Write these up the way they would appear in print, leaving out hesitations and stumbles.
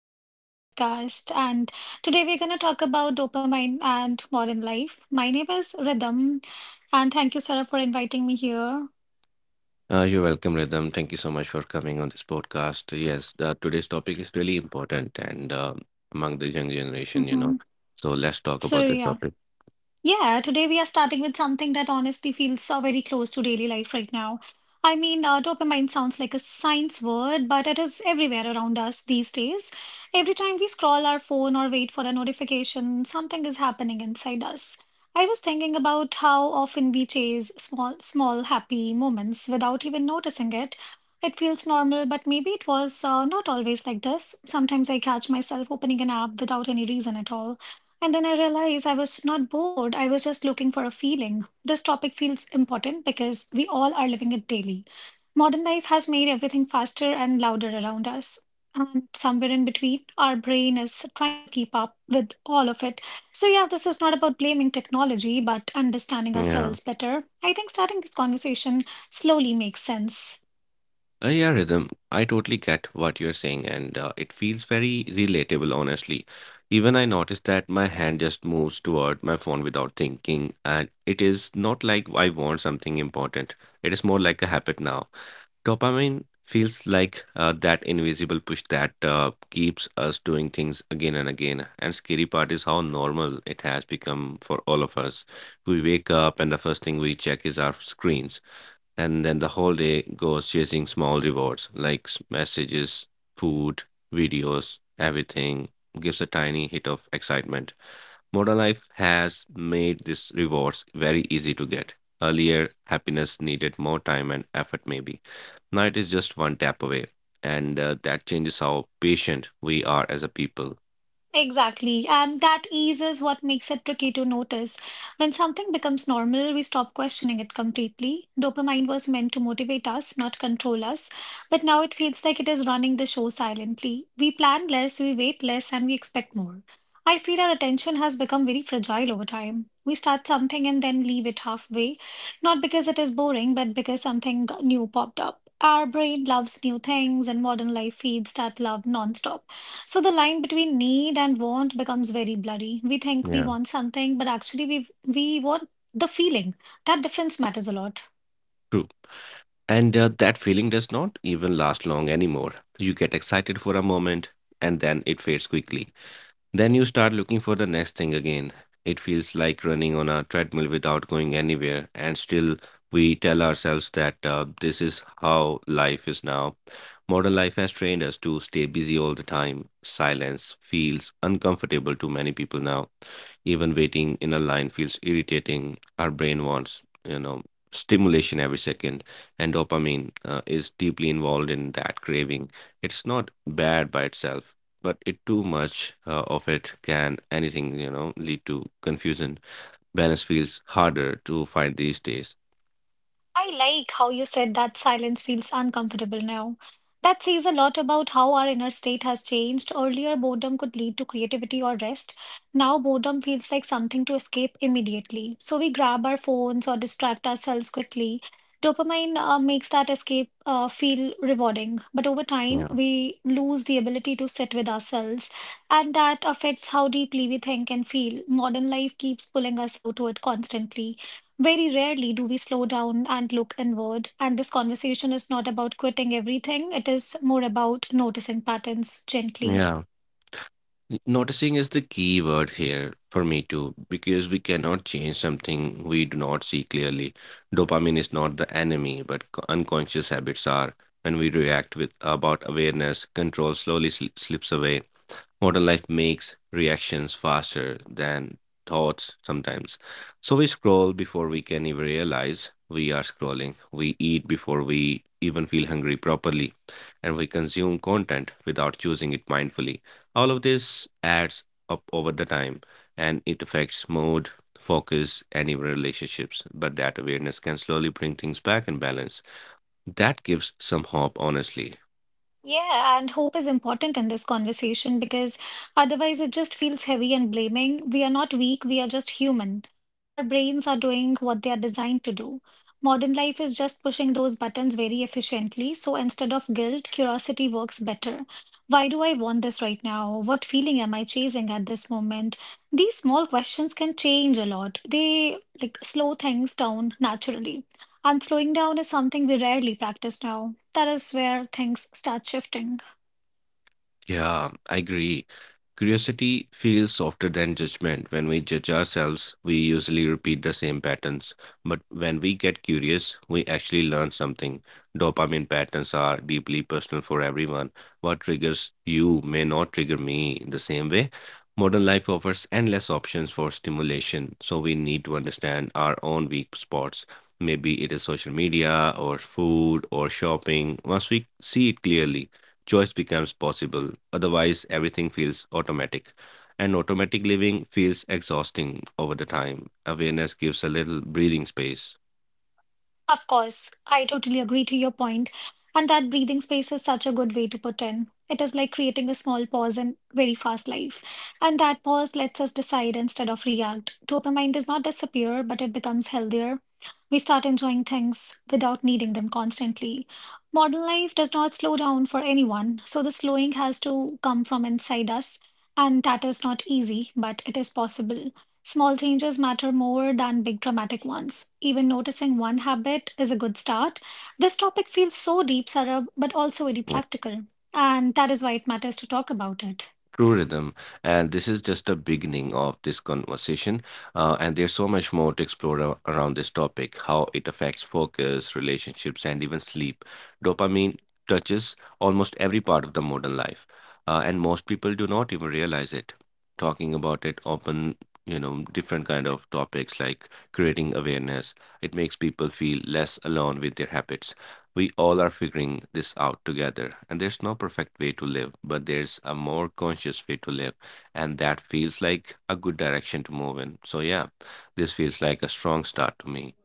today's podcast. And today we're going to talk about dopamine and modern life. My name is Rhythm, and thank you, Sarah, for inviting me here. You're welcome, Rhythm. Thank you so much for coming on this podcast. Yes, today's topic is really important and among the young generation, you Mhm. know. So let's talk So, about this yeah. topic. Yeah, today we are starting with something that honestly feels very close to daily life right now. I mean, dopamine sounds like a science word, but it is everywhere around us these days. Every time we scroll our phone or wait for a notification, something is happening inside us. I was thinking about how often we chase small, small happy moments without even noticing it. It feels normal, but maybe it was not always like this. Sometimes I catch myself opening an app without any reason at all and then I realized I was not bored. I was just looking for a feeling. This topic feels important because we all are living it daily. Modern life has made everything faster and louder around us. And somewhere in between, our brain is trying to keep up with all of it. So, yeah, this is not about blaming technology, but understanding Yeah. ourselves better. I think starting this conversation slowly makes sense. Yeah, Rhythm, I totally get what you're saying, and it feels very relatable, honestly. Even I noticed that my hand just moves toward my phone without thinking, and it is not like I want something important. It is more like a habit now. Dopamine feels like that invisible push that keeps us doing things again and again. And scary part is how normal it has become for all of us. We wake up and the first thing we check is our screens, and then the whole day goes chasing small rewards like messages, food, videos, everything gives a tiny hit of excitement. Modern life has made these rewards very easy to get. Earlier, happiness needed more time and effort, maybe now it is just one tap away, and that changes how patient we are as a people. Exactly, and that ease is what makes it tricky to notice. When something becomes normal, we stop questioning it completely. Dopamine was meant to motivate us, not control us, but now it feels like it is running the show silently. We plan less, we wait less, and we expect more. I feel our attention has become very fragile over time. We start something and then leave it halfway, not because it is boring, but because something new popped up. Our brain loves new things, and modern life feeds that love nonstop. So the line between need and want becomes very blurry. We think we Yeah. want something, but actually we want the feeling. That difference matters a lot. True. And that feeling does not even last long anymore. You get excited for a moment and then it fades quickly. Then you start looking for the next thing again. It feels like running on a treadmill without going anywhere, and still we tell ourselves that this is how life is now. Modern life has trained us to stay busy all the time. Silence feels uncomfortable to many people now. Even waiting in a line feels irritating. Our brain wants, you know, stimulation every second, and dopamine is deeply involved in that craving. It's not bad by itself, but it too much of it can anything, you know, lead to confusion. Balance feels harder to find these days. I like how you said that silence feels uncomfortable now. That says a lot about how our inner state has changed. Earlier, boredom could lead to creativity or rest. Now, boredom feels like something to escape immediately. So we grab our phones or distract ourselves quickly. Dopamine makes that escape feel rewarding, but over time, yeah we lose the ability to sit with ourselves, and that affects how deeply we think and feel. Modern life keeps pulling us outward constantly. Very rarely do we slow down and look inward. And this conversation is not about quitting everything, it is more about noticing patterns gently. yeah Noticing is the key word here for me too, because we cannot change something we do not see clearly. Dopamine is not the enemy, but unconscious habits are. When we react with about awareness, control slowly slips away. Modern life makes reactions faster than thoughts sometimes. So we scroll before we can even realize we are scrolling. We eat before we even feel hungry properly. And we consume content without choosing it mindfully. All of this adds up over the time, and it affects mood, focus, and even relationships. But that awareness can slowly bring things back in balance. That gives some hope, honestly. Yeah, and hope is important in this conversation because otherwise it just feels heavy and blaming. We are not weak, we are just human. Our brains are doing what they are designed to do. Modern life is just pushing those buttons very efficiently. So instead of guilt, curiosity works better. Why do I want this right now? What feeling am I chasing at this moment? These small questions can change a lot. They like slow things down naturally. And slowing down is something we rarely practice now. That is where things start shifting. Yeah, I agree. Curiosity feels softer than judgment. When we judge ourselves, we usually repeat the same patterns. But when we get curious, we actually learn something. Dopamine patterns are deeply personal for everyone. What triggers you may not trigger me in the same way. Modern life offers endless options for stimulation, so we need to understand our own weak spots. Maybe it is social media, or food, or shopping. Once we see it clearly, choice becomes possible. Otherwise, everything feels automatic. And automatic living feels exhausting over the time. Awareness gives a little breathing space. Of course, I totally agree to your point, and that breathing space is such a good way to put in. It is like creating a small pause in very fast life, and that pause lets us decide instead of react. Dopamine does not disappear, but it becomes healthier. We start enjoying things without needing them constantly. Modern life does not slow down for anyone, so the slowing has to come from inside us, and that is not easy, but it is possible. Small changes matter more than big dramatic ones. Even noticing one habit is a good start. This topic feels so deep, Sarab, but also very practical. And that is why it matters to talk about it. True rhythm, and this is just the beginning of this conversation. And there's so much more to explore around this topic, how it affects focus, relationships, and even sleep. Dopamine touches almost every part of the modern life, and most people do not even realize it. Talking about it often, you know, different kind of topics like creating awareness, it makes people feel less alone with their habits. We all are figuring this out together, and there's no perfect way to live, but there's a more conscious way to live, and that feels like a good direction to move in. So, yeah, this feels like a strong start to me.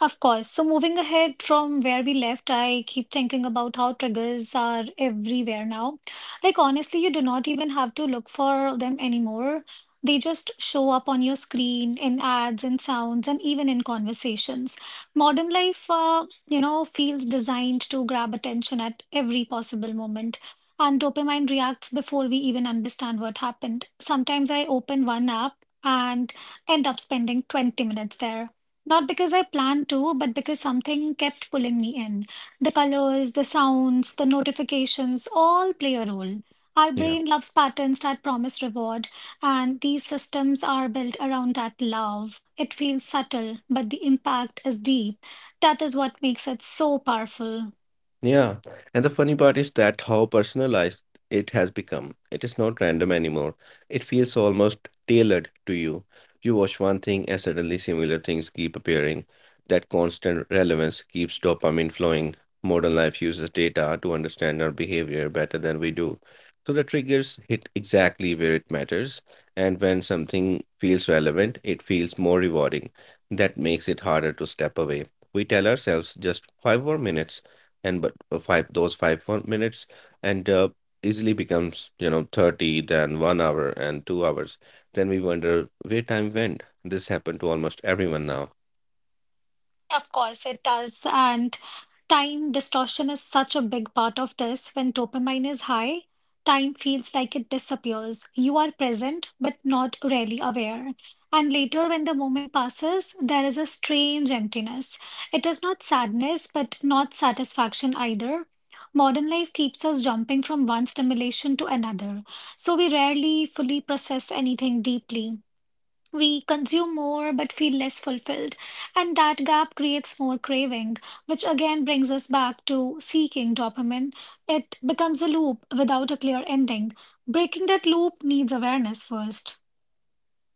Of course. So moving ahead from where we left, I keep thinking about how triggers are everywhere now. Like honestly, you do not even have to look for them anymore. They just show up on your screen in ads and sounds and even in conversations. Modern life, feels designed to grab attention at every possible moment. And dopamine reacts before we even understand what happened. Sometimes I open one app and end up spending 20 minutes there not because I planned to, but because something kept pulling me in. The colors, the sounds, the notifications all play a role. Our Yeah. brain loves patterns that promise reward, and these systems are built around that love. It feels subtle, but the impact is deep. That is what makes it so powerful. Yeah, and the funny part is that how personalized it has become. It is not random anymore. It feels almost tailored to you. You watch one thing and suddenly similar things keep appearing. That constant relevance keeps dopamine flowing. Modern life uses data to understand our behavior better than we do. So the triggers hit exactly where it matters, and when something feels relevant, it feels more rewarding. That makes it harder to step away. We tell ourselves just five more minutes, and but five those five fun- minutes and easily becomes, you know, 30, then 1 hour and 2 hours, then we wonder where time went. This happened to almost everyone now. Of course, it does. And time distortion is such a big part of this. When dopamine is high, time feels like it disappears. You are present, but not really aware. And later, when the moment passes, there is a strange emptiness. It is not sadness, but not satisfaction either. Modern life keeps us jumping from one stimulation to another, so we rarely fully process anything deeply. We consume more but feel less fulfilled, and that gap creates more craving, which again brings us back to seeking dopamine. It becomes a loop without a clear ending. Breaking that loop needs awareness first.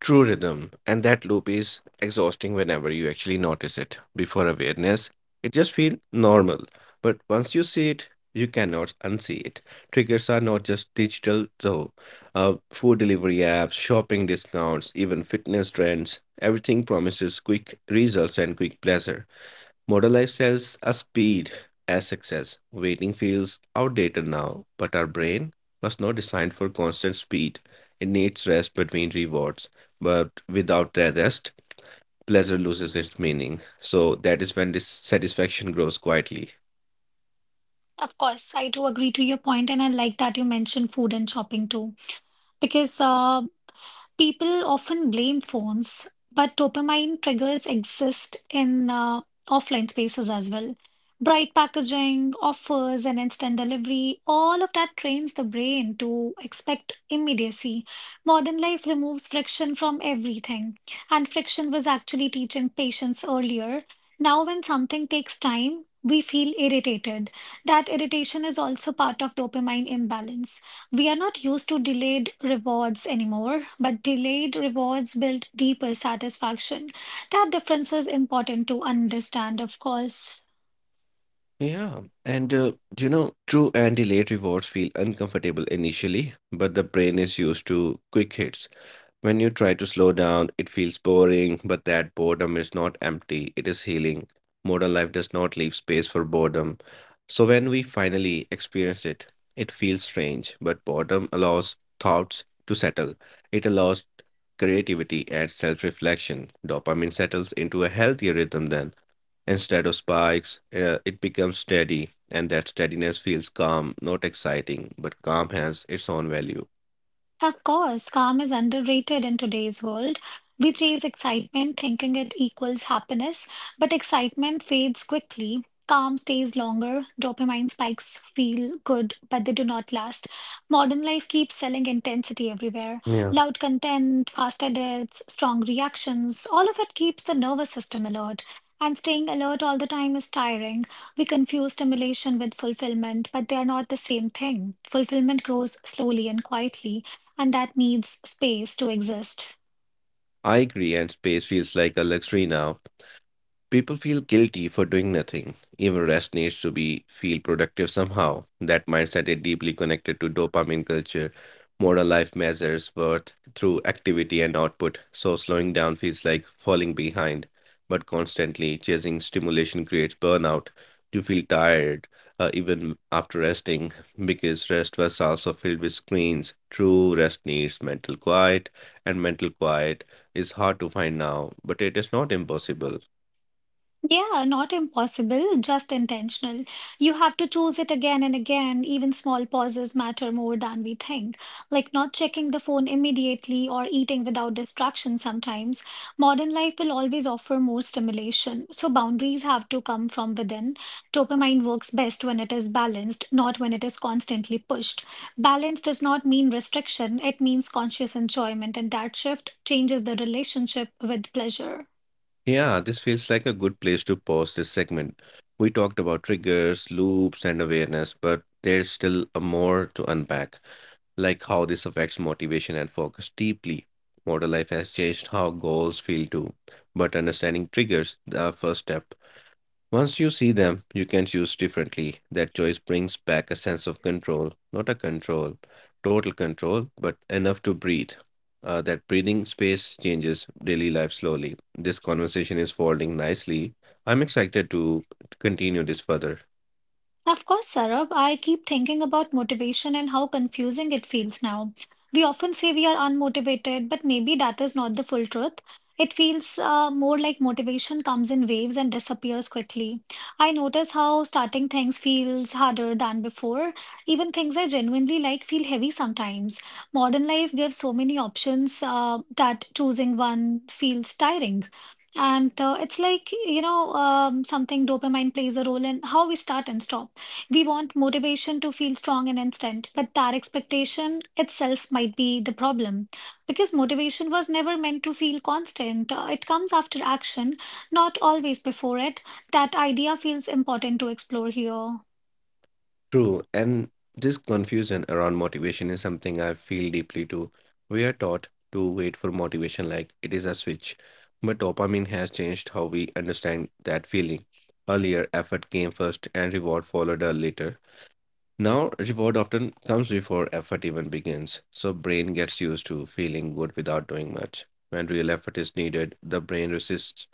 True rhythm, and that loop is exhausting whenever you actually notice it. Before awareness, it just feels normal. But once you see it, you cannot unsee it. Triggers are not just digital, though. Food delivery apps, shopping discounts, even fitness trends, everything promises quick results and quick pleasure. Modern life sells us speed as success. Waiting feels outdated now, but our brain was not designed for constant speed. It needs rest between rewards, but without that rest, pleasure loses its meaning. So that is when dissatisfaction grows quietly. Of course, I do agree to your point, and I like that you mentioned food and shopping too, because people often blame phones, but dopamine triggers exist in offline spaces as well. Bright packaging, offers, and instant delivery, all of that trains the brain to expect immediacy. Modern life removes friction from everything, and friction was actually teaching patience earlier. Now, when something takes time, we feel irritated. That irritation is also part of dopamine imbalance. We are not used to delayed rewards anymore, but delayed rewards build deeper satisfaction. That difference is important to understand, of course. Yeah, and you know, true, and delayed rewards feel uncomfortable initially, but the brain is used to quick hits. When you try to slow down, it feels boring, but that boredom is not empty, it is healing. Modern life does not leave space for boredom. So when we finally experience it, it feels strange, but boredom allows thoughts to settle. It allows creativity and self reflection. Dopamine settles into a healthier rhythm then. Instead of spikes, it becomes steady, and that steadiness feels calm, not exciting, but calm has its own value. Of course, calm is underrated in today's world. We chase excitement thinking it equals happiness, but excitement fades quickly. Calm stays longer. Dopamine spikes feel good, but they do not last. Modern life keeps selling intensity everywhere. Yeah. Loud content, fast edits, strong reactions, all of it keeps the nervous system alert. And staying alert all the time is tiring. We confuse stimulation with fulfillment, but they are not the same thing. Fulfillment grows slowly and quietly and that needs space to exist. I agree, and space feels like a luxury now. People feel guilty for doing nothing. Even rest needs to be feel productive somehow. That mindset is deeply connected to dopamine culture. Modern life measures worth through activity and output, so slowing down feels like falling behind. But constantly chasing stimulation creates burnout. You feel tired even after resting, because rest was also filled with screens. True rest needs mental quiet, and mental quiet is hard to find now, but it is not impossible. Yeah, not impossible, just intentional. You have to choose it again and again. Even small pauses matter more than we think, like not checking the phone immediately or eating without distraction sometimes. Modern life will always offer more stimulation, so boundaries have to come from within. Dopamine works best when it is balanced, not when it is constantly pushed. Balance does not mean restriction, it means conscious enjoyment, and that shift changes the relationship with pleasure. Yeah, this feels like a good place to pause this segment. We talked about triggers, loops, and awareness, but there's still a more to unpack, like how this affects motivation and focus deeply. Modern life has changed how goals feel too, but understanding triggers the first step. Once you see them, you can choose differently. That choice brings back a sense of control, not total control, but enough to breathe. That breathing space changes daily life slowly. This conversation is folding nicely. I'm excited to continue this further. Of course, Sarab, I keep thinking about motivation and how confusing it feels now. We often say we are unmotivated, but maybe that is not the full truth. It feels more like motivation comes in waves and disappears quickly. I notice how starting things feels harder than before. Even things I genuinely like feel heavy sometimes. Modern life gives so many options that choosing one feels tiring. And it's like, you know, something dopamine plays a role in how we start and stop. We want motivation to feel strong and instant, but that expectation itself might be the problem because motivation was never meant to feel constant. It comes after action, not always before it. That idea feels important to explore here. True, and this confusion around motivation is something I feel deeply too. We are taught to wait for motivation like it is a switch, but dopamine has changed how we understand that feeling. Earlier, effort came first and reward followed later. Now, reward often comes before effort even begins, so brain gets used to feeling good without doing much. When real effort is needed, the brain resists.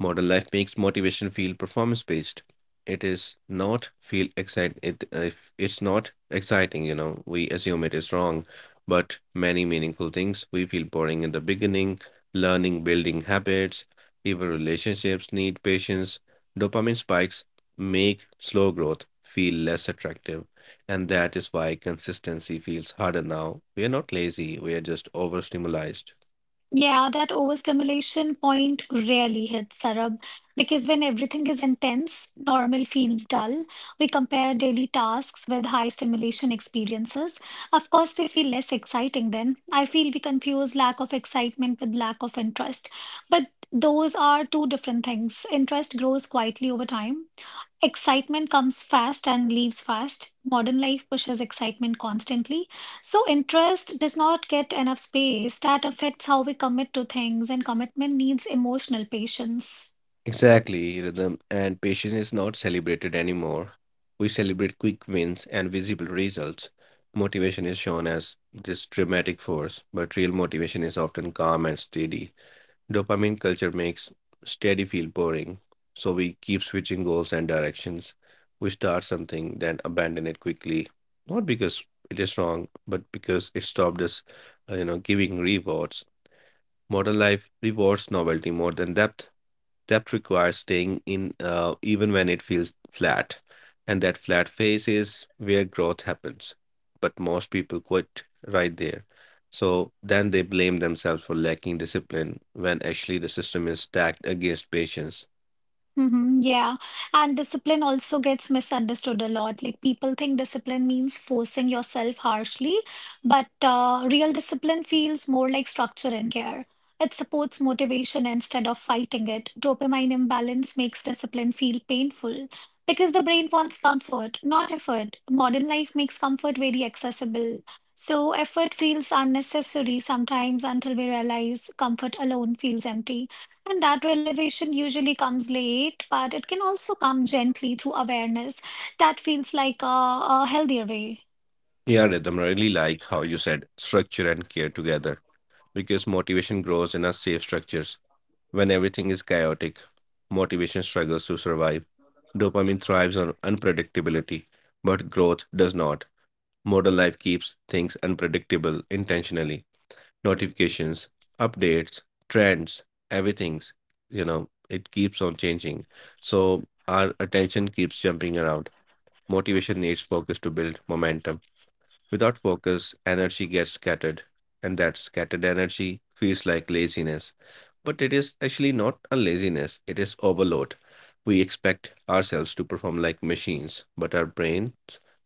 Modern life makes motivation feel performance based. It is not feel excite it If it's not exciting, you know, we assume it is wrong, but many meaningful things we feel boring in the beginning, learning, building habits, even relationships need patience. Dopamine spikes make slow growth feel less attractive, and that is why consistency feels harder now. We are not lazy, we are just overstimulated. Yeah, that overstimulation point rarely hits, Sarab, because when everything is intense, normal feels dull. We compare daily tasks with high stimulation experiences. Of course, they feel less exciting then. I feel we confuse lack of excitement with lack of interest. But those are two different things. Interest grows quietly over time. Excitement comes fast and leaves fast. Modern life pushes excitement constantly. So, interest does not get enough space. That affects how we commit to things, and commitment needs emotional patience. Exactly, rhythm, and patience is not celebrated anymore. We celebrate quick wins and visible results. Motivation is shown as this dramatic force, but real motivation is often calm and steady. Dopamine culture makes steady feel boring, so we keep switching goals and directions. We start something, then abandon it quickly, not because it is wrong, but because it stopped us, you know, giving rewards. Modern life rewards novelty more than depth. Depth requires staying in even when it feels flat, and that flat phase is where growth happens. But most people quit right there. So then they blame themselves for lacking discipline, when actually the system is stacked against patience. Hmm, yeah. And discipline also gets misunderstood a lot. Like people think discipline means forcing yourself harshly, but real discipline feels more like structure and care. It supports motivation instead of fighting it. Dopamine imbalance makes discipline feel painful because the brain wants comfort, not effort. Modern life makes comfort very accessible. So effort feels unnecessary sometimes until we realize comfort alone feels empty. And that realization usually comes late, but it can also come gently through awareness. That feels like a healthier way. Yeah, Rhythm, I really like how you said structure and care together, because motivation grows in our safe structures. When everything is chaotic, motivation struggles to survive. Dopamine thrives on unpredictability, but growth does not. Modern life keeps things unpredictable intentionally. Notifications, updates, trends, everything's, you know, it keeps on changing. So our attention keeps jumping around. Motivation needs focus to build momentum. Without focus, energy gets scattered, and that scattered energy feels like laziness. But it is actually not a laziness, it is overload. We expect ourselves to perform like machines, but our brains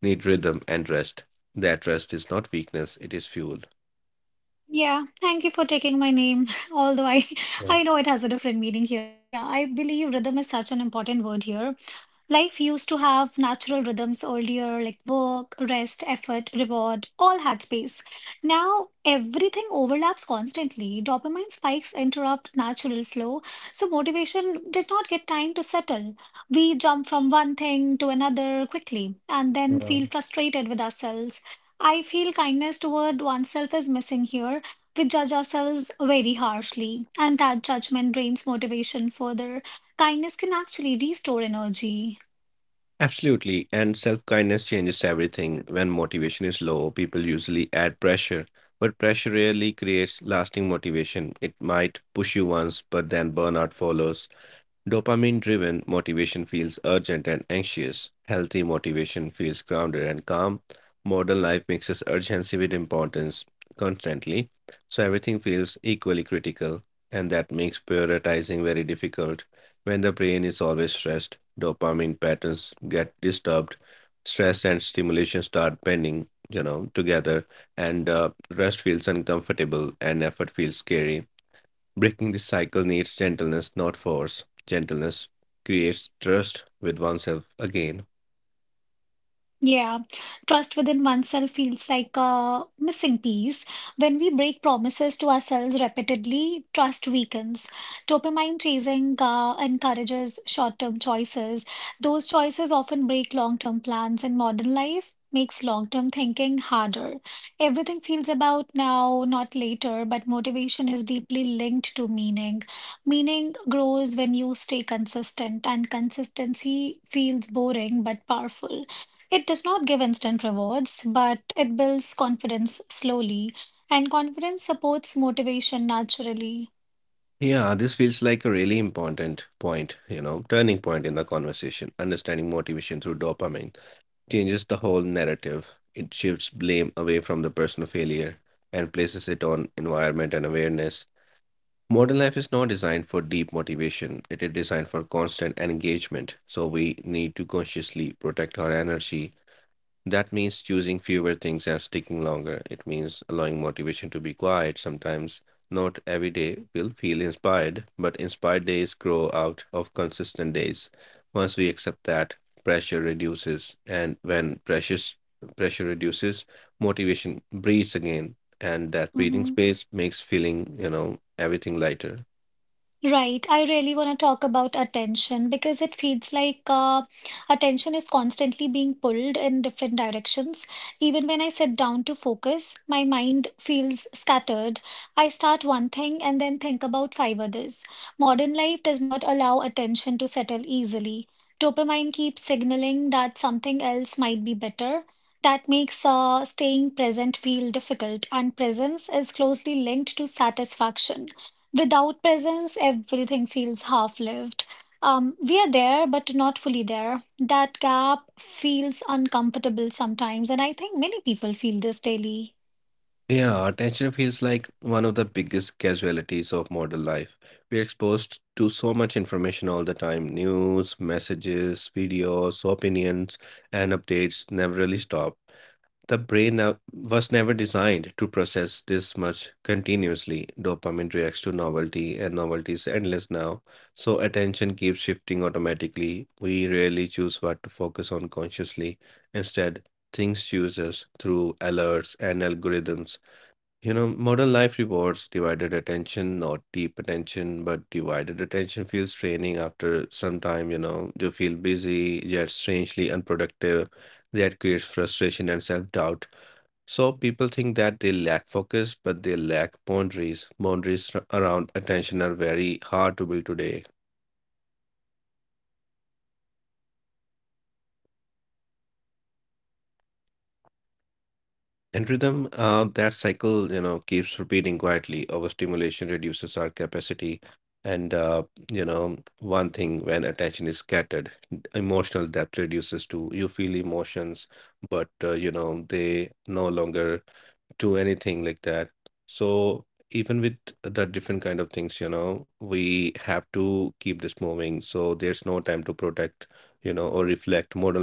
need rhythm and rest. That rest is not weakness, it is fuel. Yeah. Yeah. Absolutely, and self-kindness changes everything. When motivation is low, people usually add pressure, but pressure rarely creates lasting motivation. It might push you once, but then burnout follows. Dopamine driven motivation feels urgent and anxious. Healthy motivation feels grounded and calm. Modern life mixes urgency with importance constantly, so everything feels equally critical, and that makes prioritizing very difficult. When the brain is always stressed, dopamine patterns get disturbed, stress and stimulation start bending, you know, together, and rest feels uncomfortable and effort feels scary. Breaking this cycle needs gentleness, not force. Gentleness creates trust with oneself again. Yeah, this feels like a really important point, you know, turning point in the conversation. Understanding motivation through dopamine changes the whole narrative. It shifts blame away from the personal failure and places it on environment and awareness. Modern life is not designed for deep motivation, it is designed for constant engagement. So we need to consciously protect our energy. That means choosing fewer things and sticking longer. It means allowing motivation to be quiet. Sometimes not every day will feel inspired, but inspired days grow out of consistent days. Once we accept that, pressure reduces, and when pressure reduces, motivation breathes again, and that breathing space makes feeling, you know, everything lighter. Yeah, attention feels like one of the biggest casualties of modern life. We're exposed to so much information all the time. News, messages, videos, opinions, and updates never really stop. The brain was never designed to process this much continuously. Dopamine reacts to novelty, and novelty is endless now. So attention keeps shifting automatically. We rarely choose what to focus on consciously. Instead, things choose us through alerts and algorithms. You know, modern life rewards divided attention, not deep attention, but divided attention feels draining after some time, you know. You feel busy, yet strangely unproductive. That creates frustration and self-doubt. So people think that they lack focus, but they lack boundaries. Boundaries around attention are very hard to build today. And rhythm, that cycle, you know, keeps repeating quietly. Overstimulation reduces our capacity. And, you know, one thing, when attention is scattered, emotional depth reduces too. You feel emotions, but, you know, they no longer do anything like that. So even with the different kind of things, you know, we have to keep this moving. So there's no time to protect, you know, or reflect. Modern